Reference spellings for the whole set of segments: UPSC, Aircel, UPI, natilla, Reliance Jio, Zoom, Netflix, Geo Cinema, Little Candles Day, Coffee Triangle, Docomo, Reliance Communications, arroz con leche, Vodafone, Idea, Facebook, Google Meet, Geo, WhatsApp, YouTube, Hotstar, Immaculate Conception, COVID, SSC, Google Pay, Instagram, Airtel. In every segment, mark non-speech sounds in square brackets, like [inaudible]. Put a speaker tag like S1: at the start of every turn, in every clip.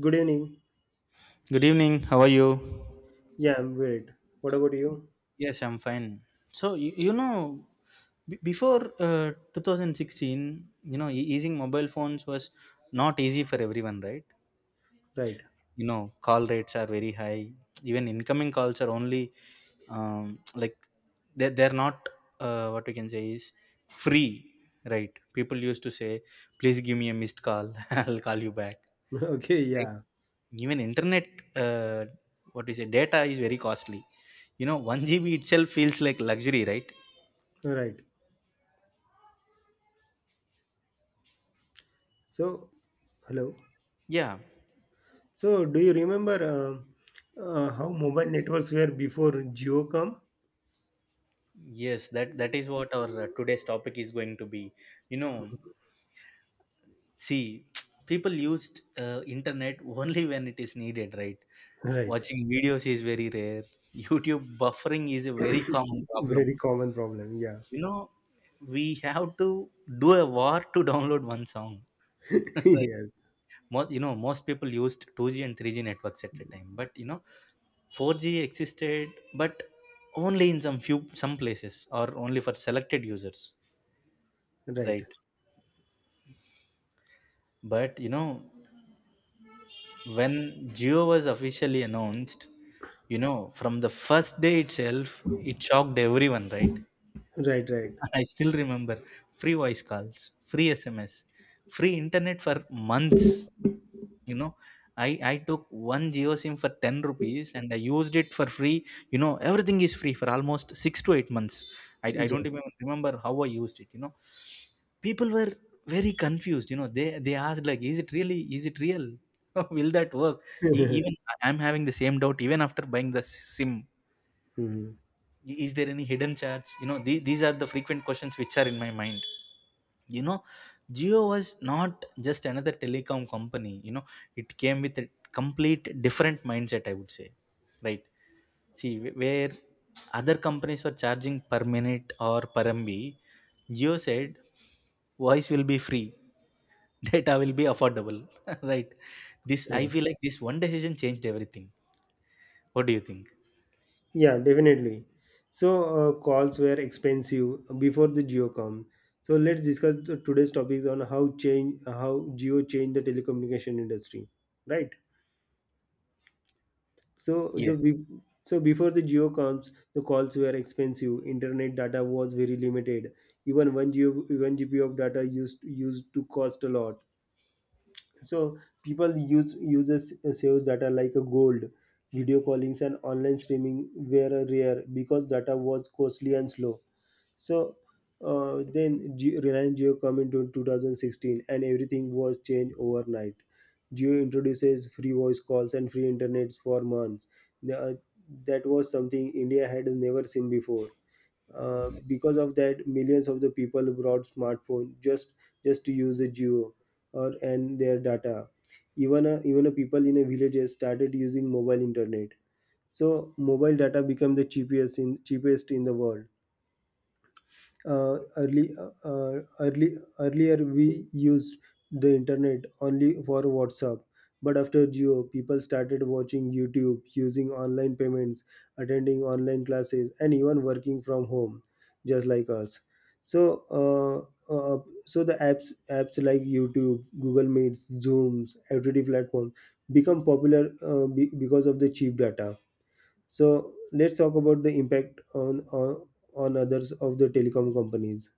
S1: Good evening.
S2: Good evening. How are you?
S1: Yeah, I'm great. What about you?
S2: Yes, I'm fine. So you, before 2016, using mobile phones was not easy for everyone, right?
S1: Right.
S2: Call rates are very high. Even incoming calls are only, like, they're not, what we can say is, free, right? People used to say, "Please give me a missed call. [laughs] I'll call you back."
S1: [laughs] Okay, yeah.
S2: Even internet, uh, what do you say, data is very costly. 1 GB itself feels like luxury, right?
S1: Right. So, hello.
S2: Yeah,
S1: So, do you remember how mobile networks were before Jio come?
S2: yes, that is what our today's topic is going to be. You know, see, [tsk] people used internet [laughs] only when it is needed, right?
S1: [laughs] Right.
S2: Watching videos is very rare. YouTube buffering is a very common problem.
S1: Very common problem. Yeah.
S2: You know, we have to do a war to download one song. [laughs]
S1: [laughs] Yes.
S2: Most people used 2G and 3G networks at a time, but 4G existed, but only in some places or only for selected users,
S1: Right.
S2: right? But when Geo was officially announced, from the first day itself, it shocked everyone, right?
S1: Right, right.
S2: [laughs] I still remember free voice calls, free SMS, free internet for months. you know I took one Geo SIM for 10 rupees, and I used it for free. Everything is free for almost 6 to 8 months. I don't
S1: Yes.
S2: even remember how I used it. People were very confused. They asked, like, is it really, is it real? [laughs] Will that work? Even I'm having the same doubt even after buying the SIM.
S1: Mm-hmm.
S2: Is there any hidden charge? These are the frequent questions which are in my mind you know Jio was not just another telecom company. It came with a complete different mindset, I would say, right? See, where other companies were charging per minute or per mb, Jio said voice will be free, [laughs] data will be affordable, [laughs] right? This, I
S1: Right.
S2: feel like this one decision changed everything. What do you think?
S1: Yeah, definitely. So calls were expensive before the Geo come. So let's discuss today's topics on how Geo changed the telecommunication industry, right? So
S2: Yes,
S1: so before the Geo comes, the calls were expensive. Internet data was very limited. Even one GB of data used to cost a lot. So people uses saves data like a gold. Video callings and online streaming were rare because data was costly and slow. So then Jio, Reliance Jio come into 2016 and everything was changed overnight. Jio introduces free voice calls and free internets for months. The- uh, that was something India had never seen before. Because of that, millions of the people brought smartphone just to use the Jio or and their data. Even a people in a villages started using mobile internet. So mobile data became the cheapest in cheapest in the world. Early early Earlier we used the internet only for WhatsApp, but after Geo people started watching YouTube, using online payments, attending online classes, and even working from home, just like us. So uh, uh, so the apps like YouTube, Google Meets, Zooms, OTT platform become popular because of the cheap data. So let's talk about the impact on others of the telecom companies.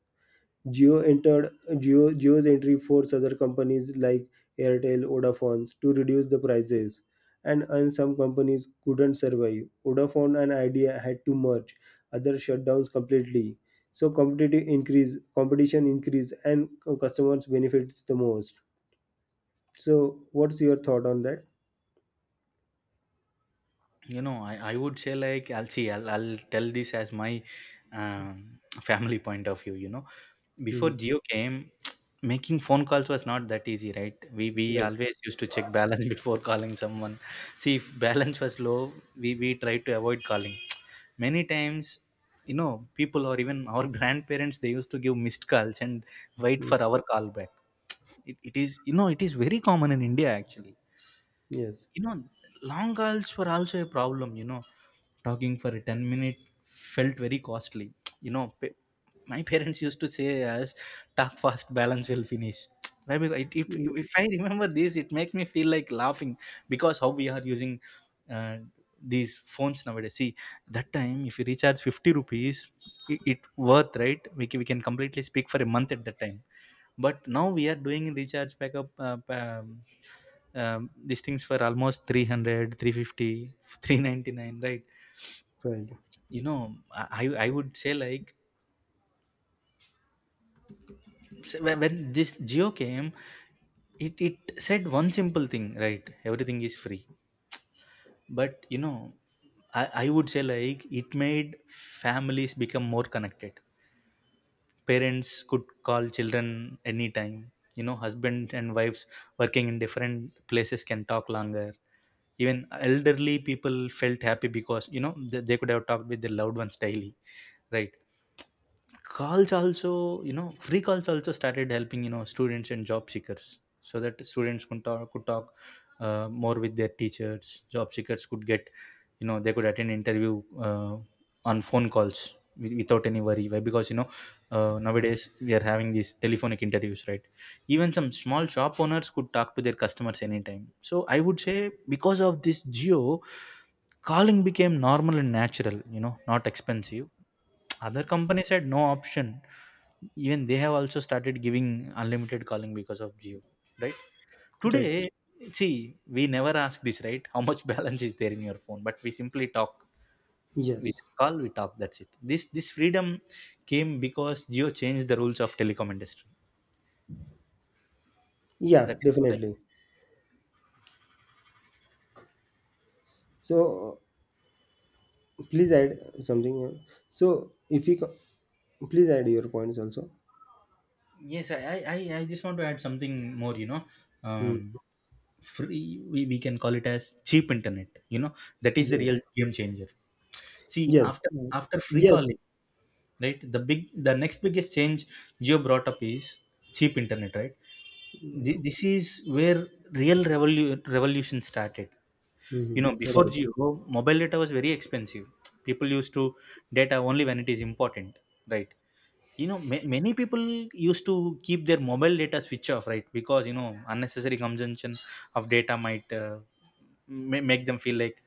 S1: Geo entered Geo's entry forced other companies like Airtel, Vodafone to reduce the prices, and some companies couldn't survive. Vodafone and Idea had to merge, other shutdowns completely. So competition increase, and customers benefits the most. So what's your thought on that?
S2: I would say, like, I'll tell this as my family point of view. Before
S1: Mhm.
S2: Geo came, [tsk] making phone calls was not that easy, right? We
S1: Right.
S2: always used to check balance [laughs] before calling someone. See, if balance was low, we tried to avoid calling, [tsk] many times. People, or even our [laughs] grandparents, they used to give missed calls and wait
S1: Mm.
S2: for our call back. It is very common in India, actually.
S1: Yes.
S2: you know Long calls were also a problem. Talking for a 10-minute felt very costly. [tsk] you know pa- my [laughs] parents used to say, as, "Talk fast, balance will finish." [tsk] Why? Because it,
S1: Ye-
S2: if I remember this, it makes me feel like laughing, because how we are using, uh, these phones nowadays. See, that time if you recharge 50 rupees, it worth, right? We can completely speak for a month at that time. But now we are doing recharge backup, these things for almost 300, 350, 399,
S1: Right.
S2: right? I i would say, like, when this Geo came, it said one simple thing, right? Everything is free. But, I would say, like, it made families become more connected. Parents could call children anytime. Husband and wives working in different places can talk longer. Even elderly people felt happy, because, they could have talked with their loved ones daily, right? calls also you know Free calls also started helping, students and job seekers, so that students could talk more with their teachers. Job seekers could get, they could attend interview, on phone calls, without any worry. Why? Because, nowadays we are having these telephonic interviews, right? Even some small shop owners could talk to their customers anytime. So I would say because of this Geo, calling became normal and natural, not expensive. Other companies had no option. Even they have also started giving unlimited calling because of Geo, right?
S1: Right.
S2: Today, see, we never ask this, right? How much [laughs] balance is there in your phone? But we simply talk. We
S1: Yes.
S2: just call, we talk. That's it. This freedom came because Geo changed the rules of telecom industry.
S1: Yeah,
S2: That is what I.
S1: definitely. So please add something. So if you co- please add your points also.
S2: Yes, I just want to add something more.
S1: Hmm.
S2: Um, free, we can call it as cheap internet, that is the
S1: Yeah.
S2: real game changer. See,
S1: Yes.
S2: after
S1: Mm.
S2: after free
S1: Yes.
S2: calling, right, the next biggest change Geo brought up is cheap internet, right. This is where real revolution started.
S1: Mm-hmm.
S2: Before
S1: Right.
S2: Geo, mobile data was very expensive. People used to data only when it is important, right. Many people used to keep their mobile data switch off, right, because, unnecessary consumption of data might, make them feel like,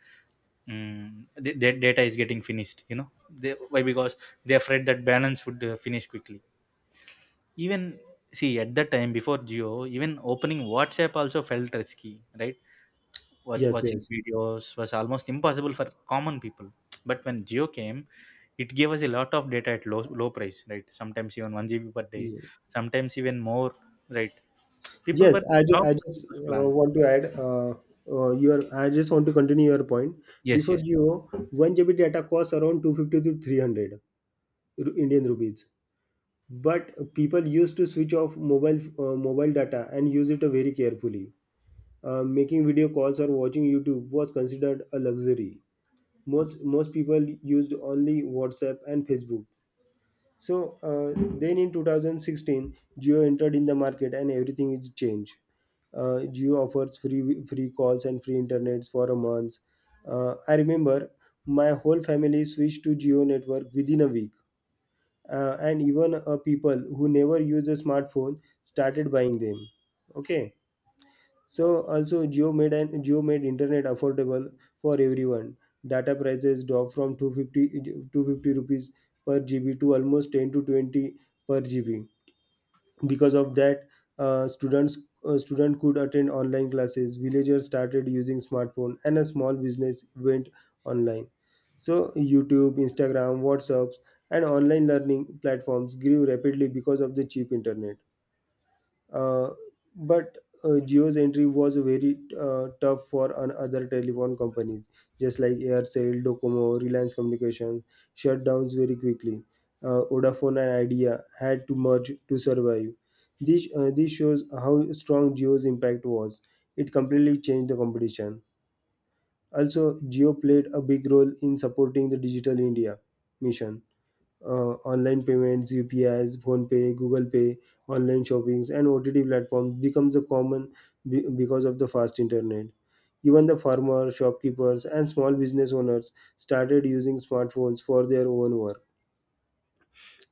S2: mm, their data is getting finished. They, why? Because they are afraid that balance would, finish quickly. Even, see, at that time before Geo, even opening WhatsApp also felt risky, right? Watch,
S1: Yes.
S2: watching
S1: Yes.
S2: videos was almost impossible for common people. [tsk] But when Geo came, it gave us a lot of data at low price, right? Sometimes even one GB per day,
S1: Yeah.
S2: sometimes even more, right? People
S1: Yes.
S2: were
S1: I
S2: shocked with
S1: just
S2: those plans.
S1: want to add your. I just want to continue your point.
S2: Yes,
S1: Before
S2: yes.
S1: Geo, one GB data costs around 250 to 300 Indian rupees. But people used to switch off mobile data and use it very carefully. Making video calls or watching YouTube was considered a luxury. Most people used only WhatsApp and Facebook. So then in 2016, Geo entered in the market and everything is changed. Geo offers free calls and free internets for a month. I remember my whole family switched to Geo network within a week. And even people who never use a smartphone started buying them. Okay, so also Jio made an Jio made internet affordable for everyone. Data prices dropped from 250 rupees per GB to almost 10 to 20 per GB. Because of that, uh, students student could attend online classes. Villagers started using smartphone, and a small business went online. So YouTube, Instagram, WhatsApps, and online learning platforms grew rapidly because of the cheap internet. Uh, but Jio's entry was very tough for an other telephone companies, just like Aircel, Docomo, Reliance Communications, shut downs very quickly. Vodafone and Idea had to merge to survive. This shows how strong Geo's impact was. It completely changed the competition. Also, Geo played a big role in supporting the Digital India mission. Online payments, UPIs, Google Pay, online shoppings, and OTT platforms becomes the common because of the fast internet. Even the farmers, shopkeepers, and small business owners started using smartphones for their own work.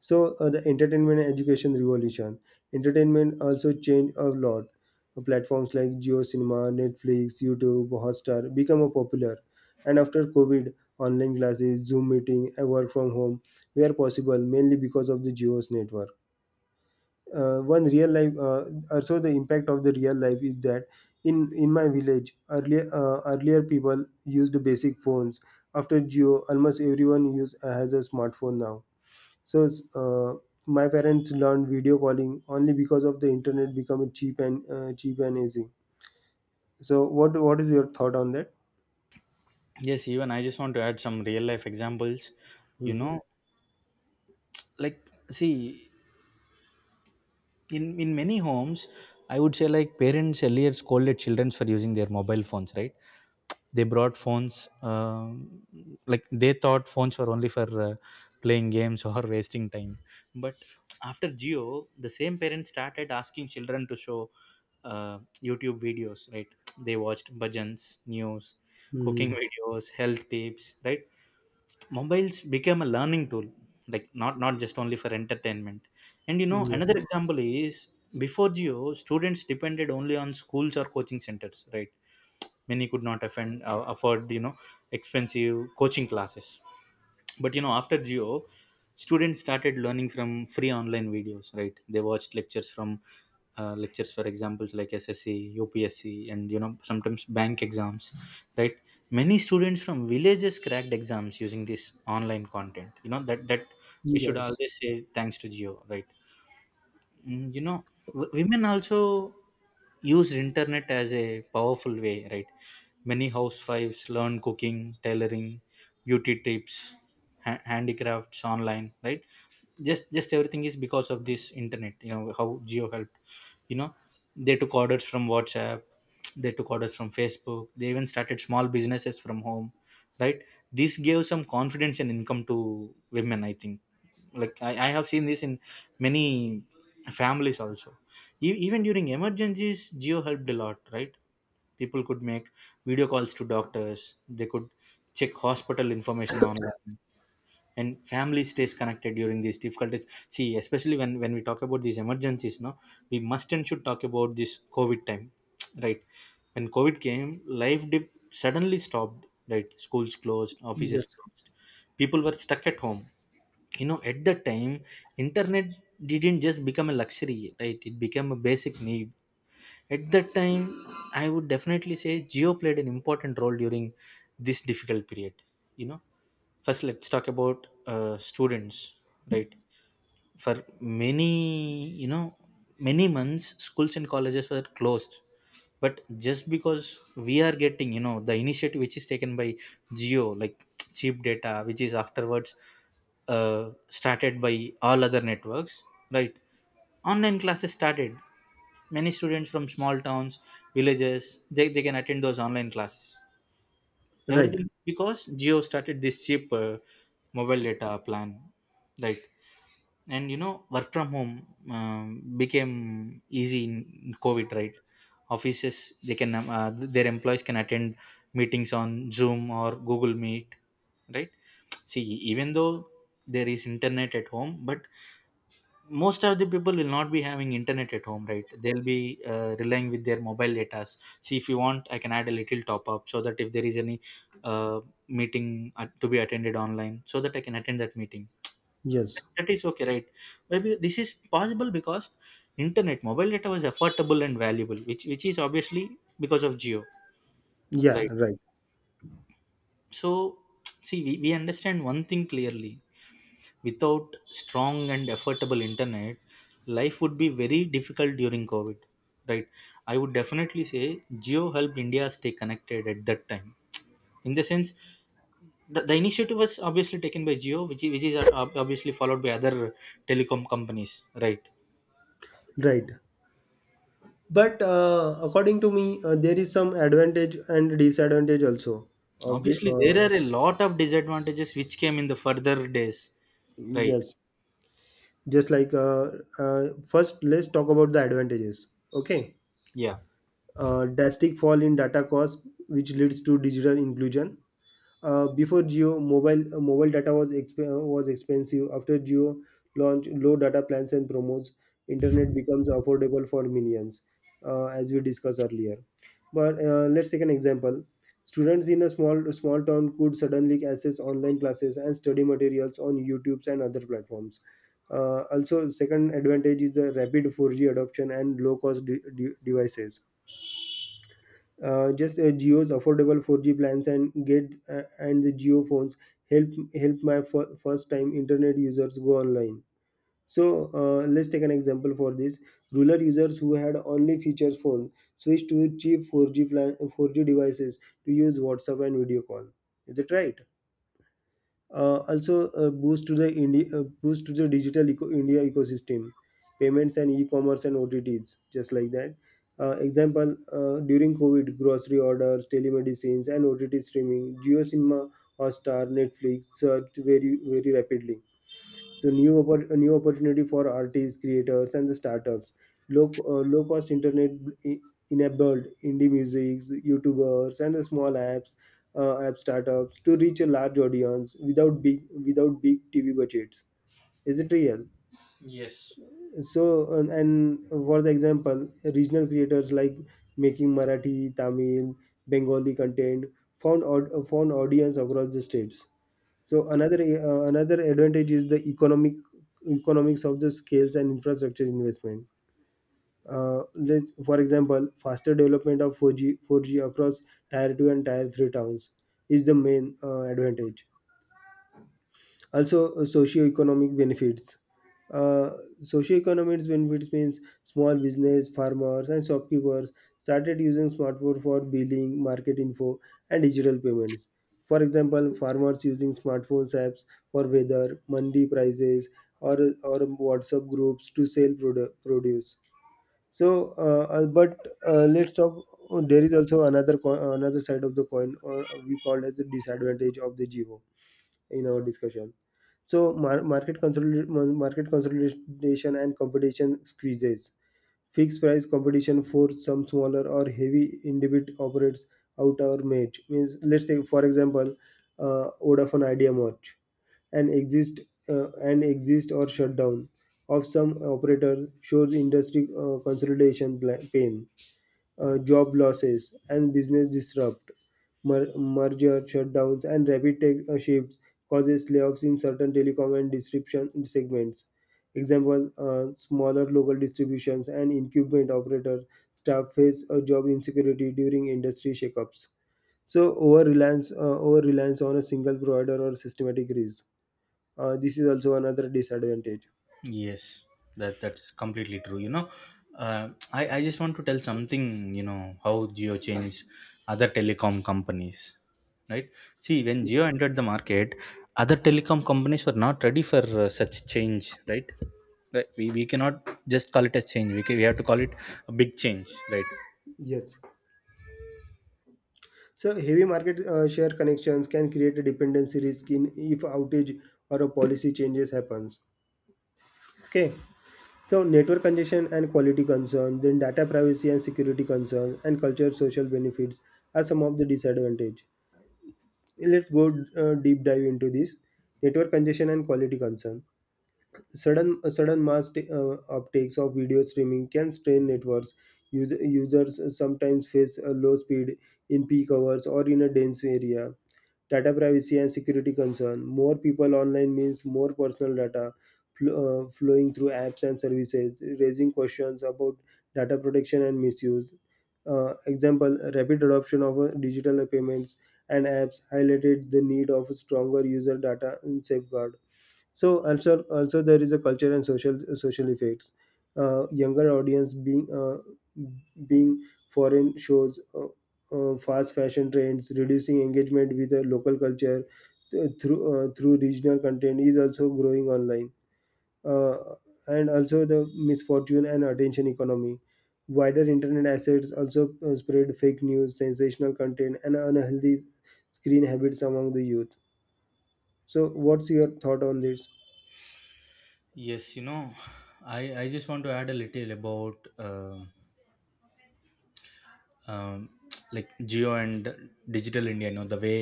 S1: So the entertainment and education revolution. Entertainment also changed a lot. Platforms like Geo Cinema, Netflix, YouTube, Hotstar become a popular. And after COVID, online classes, Zoom meeting, and work from home were possible mainly because of the Geo's network. One real life Also the impact of the real life is that in my village earlier people used basic phones. After Geo, almost everyone use has a smartphone now. So uh, my parents learned video calling only because of the internet becoming cheap and easy. So what is your thought on that?
S2: Yes, even I just want to add some real life examples. You
S1: Mm-hmm.
S2: know, like, see, in many homes, I would say, like, parents earlier scolded children for using their mobile phones, right. They brought phones, like, they thought phones were only for, playing games or [laughs] wasting time. But after Geo, the same parents started asking children to show, uh, YouTube videos, right. They watched bhajans, news, cooking
S1: Hmm.
S2: [laughs] videos, health tips, right. Mobiles became a learning tool, like, not just only for entertainment. And,
S1: Yeah.
S2: another example is, before Geo, students depended only on schools or coaching centers, right. Many could not afford expensive coaching classes. But, after Geo, students started learning from free online videos, right. They watched lectures for examples like SSC, UPSC, and, sometimes bank exams, right. Many students from villages cracked exams using this online content, that we should
S1: Yes.
S2: always say thanks to Geo, right. Mm, women also use internet as a powerful way, right. Many housewives learn cooking, tailoring, beauty tips, handicrafts online, right. Just everything is because of this internet, how Geo helped. you know they took orders from WhatsApp, [tsk] they took orders from Facebook, they even started small businesses from home, right. This gave some confidence and income to women, I think. Like, I have seen this in many families also. Even during emergencies, Geo helped a lot, right. People could make video calls to doctors, they could check hospital information online, and family stays connected during these difficulties. See, especially when we talk about these emergencies, no, we must and should talk about this COVID time, [tsk] right. When COVID came, life dip suddenly stopped, right. Schools closed, offices
S1: Yes.
S2: closed, people were stuck at home. At that time, internet didn't just become a luxury, right, it became a basic need. At that time, I would definitely say Geo played an important role during this difficult period. you know First, let's talk about, students, right. For many, many months schools and colleges were closed, but just because we are getting, the initiative which is taken by Geo, like, [tsk] cheap data which is afterwards, started by all other networks, right, online classes started. Many students from small towns, villages, they can attend those online classes,
S1: Right.
S2: everything because Geo started this cheap, mobile data plan, right. And, work from home, became easy in COVID, right. Offices, they can their employees can attend meetings on Zoom or Google Meet, right. See, even though there is internet at home, but most of the people will not be having internet at home, right, they'll be, relying with their mobile data. See, if you want, I can add a little top up, so that if there is any, uh, meeting, to be attended online so that I can attend that meeting,
S1: Yes.
S2: that is okay, right? Maybe this is possible because internet mobile data was affordable and valuable, which is obviously because of Geo,
S1: Yeah.
S2: right?
S1: Right.
S2: So, [tsk] see, we understand one thing clearly. Without strong and affordable internet, life would be very difficult during COVID, right? I would definitely say Geo helped India stay connected at that time. In the sense, the initiative was obviously taken by Geo, which is obviously followed by other telecom companies, right?
S1: Right. But according to me, there is some advantage and disadvantage also of the.
S2: Obviously, there are a lot of disadvantages which came in the further days, right?
S1: Yes. Just like First, let's talk about the advantages. Okay.
S2: Yeah.
S1: Drastic fall in data cost, which leads to digital inclusion. Before Geo, mobile data was expensive. After Geo launched low data plans and promos, internet becomes affordable for millions, as we discussed earlier. But let's take an example. Students in a small town could suddenly access online classes and study materials on YouTube and other platforms. Also, second advantage is the rapid 4G adoption and low cost devices. Just Geo's affordable 4G plans and the Geo phones help help my first time internet users go online. So let's take an example for this. Rural users who had only feature phones switched to cheap 4G plan, 4G devices to use WhatsApp and video call. Is it right? Also a boost to the boost to the digital India ecosystem, payments and e-commerce and OTTs, just like that. Example, during COVID, grocery orders, telemedicines, and OTT streaming, Geo Cinema, Hotstar, Netflix surged very very rapidly. So new a new opportunity for artists, creators, and the startups. Low cost internet e- enabled indie musics, YouTubers, and the small app startups to reach a large audience without big TV budgets. Is it real?
S2: Yes.
S1: So and for the example, regional creators like making Marathi, Tamil, Bengali content found audience across the states. So another advantage is the economics of the scales and infrastructure investment. Let's, for example, faster development of 4G across tier two and tier three towns is the main advantage. Also uh, socioeconomic benefits means small business farmers and shopkeepers started using smartphone for billing market info and digital payments. For example, farmers using smartphones apps for weather mandi prices or or WhatsApp groups to sell produce. So but let's talk. There is also another another side of the coin or we call as the disadvantage of the Geo in our discussion. So market consolidation and competition squeezes. Fixed price competition for some smaller or heavy individ operates out our match. Means let's say for example, Vodafone Idea merge and exist and exist or shutdown of some operators shows industry consolidation pain. Job losses and business disrupt, merger shutdowns and rapid tech shifts causes layoffs in certain telecom and distribution segments. Example, smaller local distributions and incumbent operator staff face a job insecurity during industry shakeups. So over reliance on a single provider or systematic risk. This is also another disadvantage.
S2: Yes, that that's completely true. You know, I just want to tell something. You know how Geo changed other telecom companies, right? See, when Geo entered the market, other telecom companies were not ready for such change, right? Right, we cannot just call it a change. We can, we have to call it a big change, right?
S1: Yes. So heavy market share connections can create a dependency risk in if outage or a policy changes happens. Okay. So network congestion and quality concerns, then data privacy and security concerns, and culture social benefits are some of the disadvantage. Let's go deep dive into this network congestion and quality concern. Sudden uptakes of video streaming can strain networks. Users sometimes face a low speed in peak hours or in a dense area. Data privacy and security concern, more people online means more personal data flowing through apps and services, raising questions about data protection and misuse. Example, rapid adoption of digital payments and apps highlighted the need of a stronger user data and safeguard. So also there is a culture and social effects. Younger audience being being foreign shows fast fashion trends reducing engagement with the local culture through regional content is also growing online. uh, and also the misfortune and attention economy, wider internet assets also spread fake news, sensational content and unhealthy screen habits among the youth. So what's your thought on this?
S2: Yes, you know, I just want to add a little about um, like Geo and digital India. You know, the way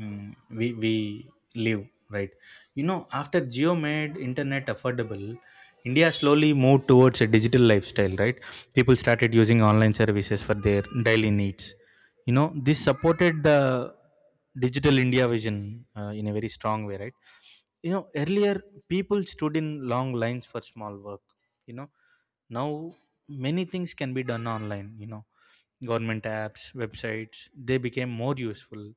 S2: mm we live, right? You know, after Geo made internet affordable, India slowly moved towards a digital lifestyle, right? People started using online services for their daily needs. You know, this supported the digital India vision in a very strong way, right? You know, earlier people stood in long lines for small work, you know. Now many things can be done online. You know, government apps, websites, they became more useful.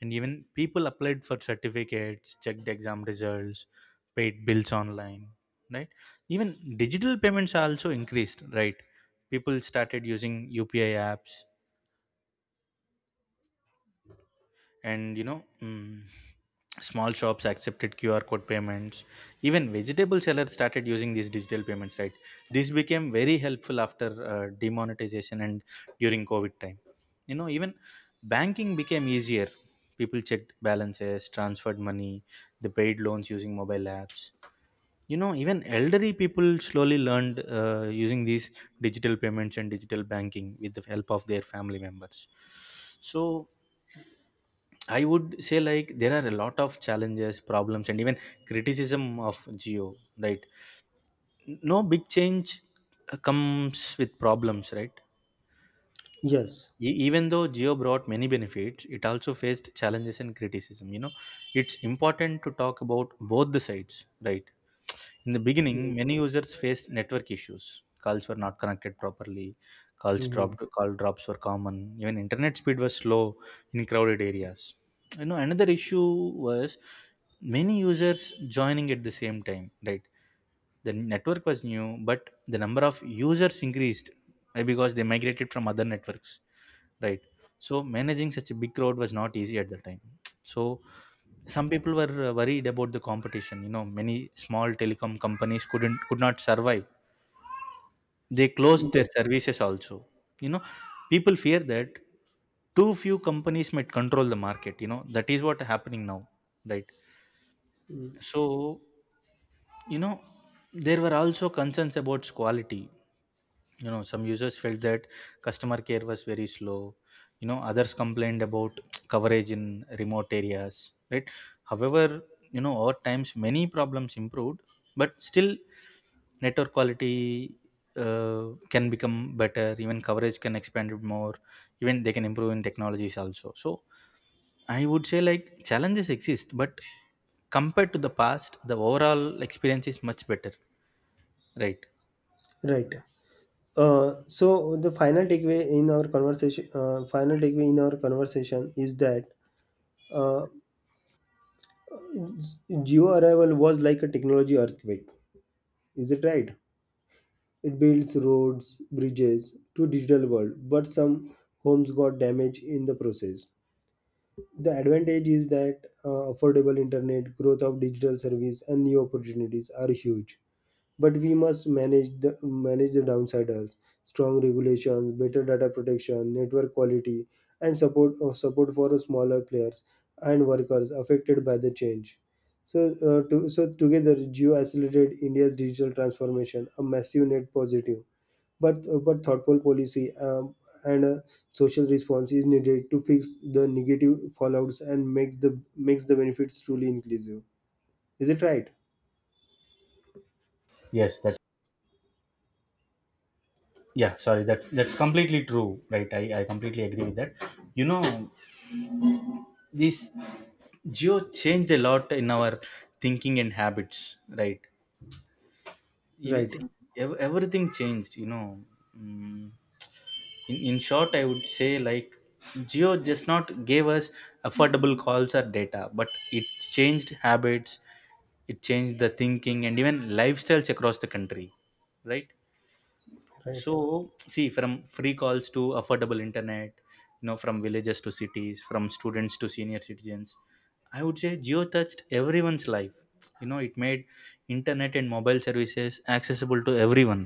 S2: And even people applied for certificates, checked exam results, paid bills online, right? Even digital payments also increased, right? People started using UPI apps, and small shops accepted QR code payments. Even vegetable sellers started using these digital payments, right? This became very helpful after demonetization and during COVID time. You know, even banking became easier. People checked balances, transferred money, they paid loans using mobile apps. You know, even elderly people slowly learned using these digital payments and digital banking with the help of their family members. So I would say, like, there are a lot of challenges, problems, and even criticism of Geo. Right, no big change comes with problems, right?
S1: Yes.
S2: Even though Geo brought many benefits, it also faced challenges and criticism, you know. It's important to talk about both the sides, right? In the beginning, many users faced network issues. Calls were not connected properly.
S1: Mhm.
S2: Call drops were common. Even internet speed was slow in crowded areas. You know, another issue was many users joining at the same time, right? The network was new, but the number of users increased, because they migrated from other networks, right? So managing such a big crowd was not easy at the time. So some people were worried about the competition. You know, many small telecom companies could not survive. They closed
S1: Yeah,
S2: their services also. You know, people fear that too few companies might control the market. You know, that is what happening now, right? So, you know, there were also concerns about quality. You know, some users felt that customer care was very slow. You know, others complained about [tsk] coverage in remote areas, right? However, you know, over times many problems improved. But still, network quality can become better, even coverage can expand it more, even they can improve in technologies also. So I would say, like, challenges exist, but compared to the past, the overall experience is much better, right?
S1: right. So the final takeaway in our conversation, final takeaway in our conversation is that uh, Geo arrival was like a technology earthquake. Is it right? It builds roads, bridges to digital world, but some homes got damaged in the process. The advantage is that affordable internet, growth of digital service, and new opportunities are huge. But we must manage the downsiders, strong regulations, better data protection, network quality, and support for smaller players and workers affected by the change. So so together Geo accelerated India's digital transformation, a massive net positive. But thoughtful policy, and a social response is needed to fix the negative fallouts and makes the benefits truly inclusive. Is it right?
S2: Yes, that, yeah, sorry, that's completely true, right? I completely agree with that. You know, this Geo changed a lot in our thinking and habits, right? You
S1: Right,
S2: see, everything changed, you know. Mm, in short, I would say, like, Geo just not gave us affordable calls or data, but it changed habits, it changed the thinking and even lifestyles across the country, right?
S1: right.
S2: So see, from free calls to affordable internet, you know, from villages to cities, from students to senior citizens, I would say Geo touched everyone's life. You know, it made internet and mobile services accessible to everyone,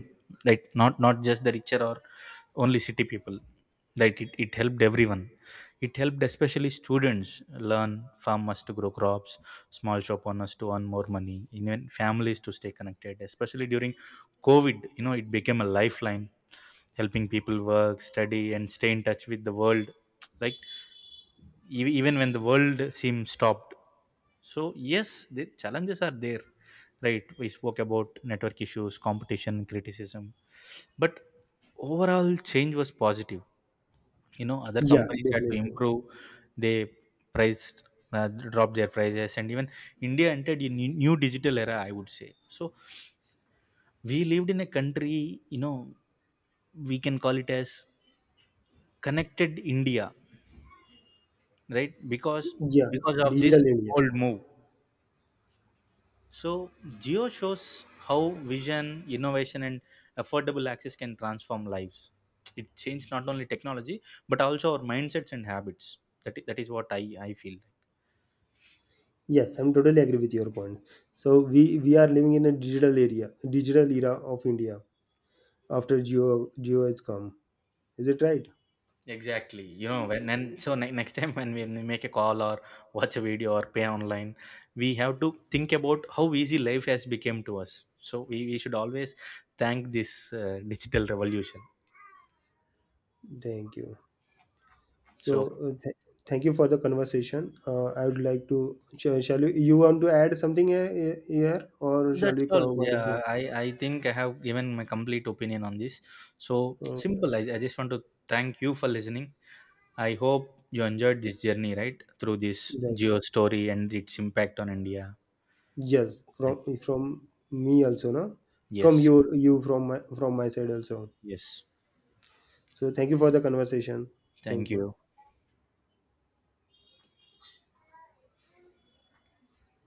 S2: like not just the richer or only city people. Like it helped everyone. It helped especially students learn, farmers to grow crops, small shop owners to earn more money, even families to stay connected. Especially during COVID, you know, it became a lifeline, helping people work, study, and stay in touch with the world. [tsk] Like even when the world seemed stopped. So yes, the challenges are there, right? We spoke about network issues, competition, criticism, but overall change was positive. You know, other
S1: Yeah,
S2: companies had to
S1: definitely.
S2: improve. They priced, dropped their prices, and even India entered a new digital era, I would say. So we lived in a country, you know, we can call it as connected India, right? because
S1: Yeah,
S2: because of this
S1: digital India.
S2: bold move, so Geo shows how vision, innovation, and affordable access can transform lives. It changed not only technology but also our mindsets and habits. That, that is what I feel.
S1: Yes, I'm totally agree with your point. So we are living in a digital era of India after Geo has come. Is it right?
S2: Exactly. You know, when and so ne- next time when we make a call or watch a video or pay online, we have to think about how easy life has become to us. So we should always thank this digital revolution.
S1: Thank you. So
S2: So
S1: thank you for the conversation. I would like to. Shall we? You want to add something here or shall
S2: that's
S1: we
S2: all.
S1: come on
S2: Yeah,
S1: to-
S2: I think I have given my complete opinion on this. So
S1: Uh,
S2: simple. I just want to thank you for listening. I hope you enjoyed this journey, right? Through this
S1: right.
S2: Geo story and its impact on India.
S1: Yes,
S2: Like,
S1: from me also, no. From
S2: yes,
S1: you, you from my side also.
S2: yes.
S1: So thank you for the conversation. Thank
S2: Thank
S1: you.
S2: you.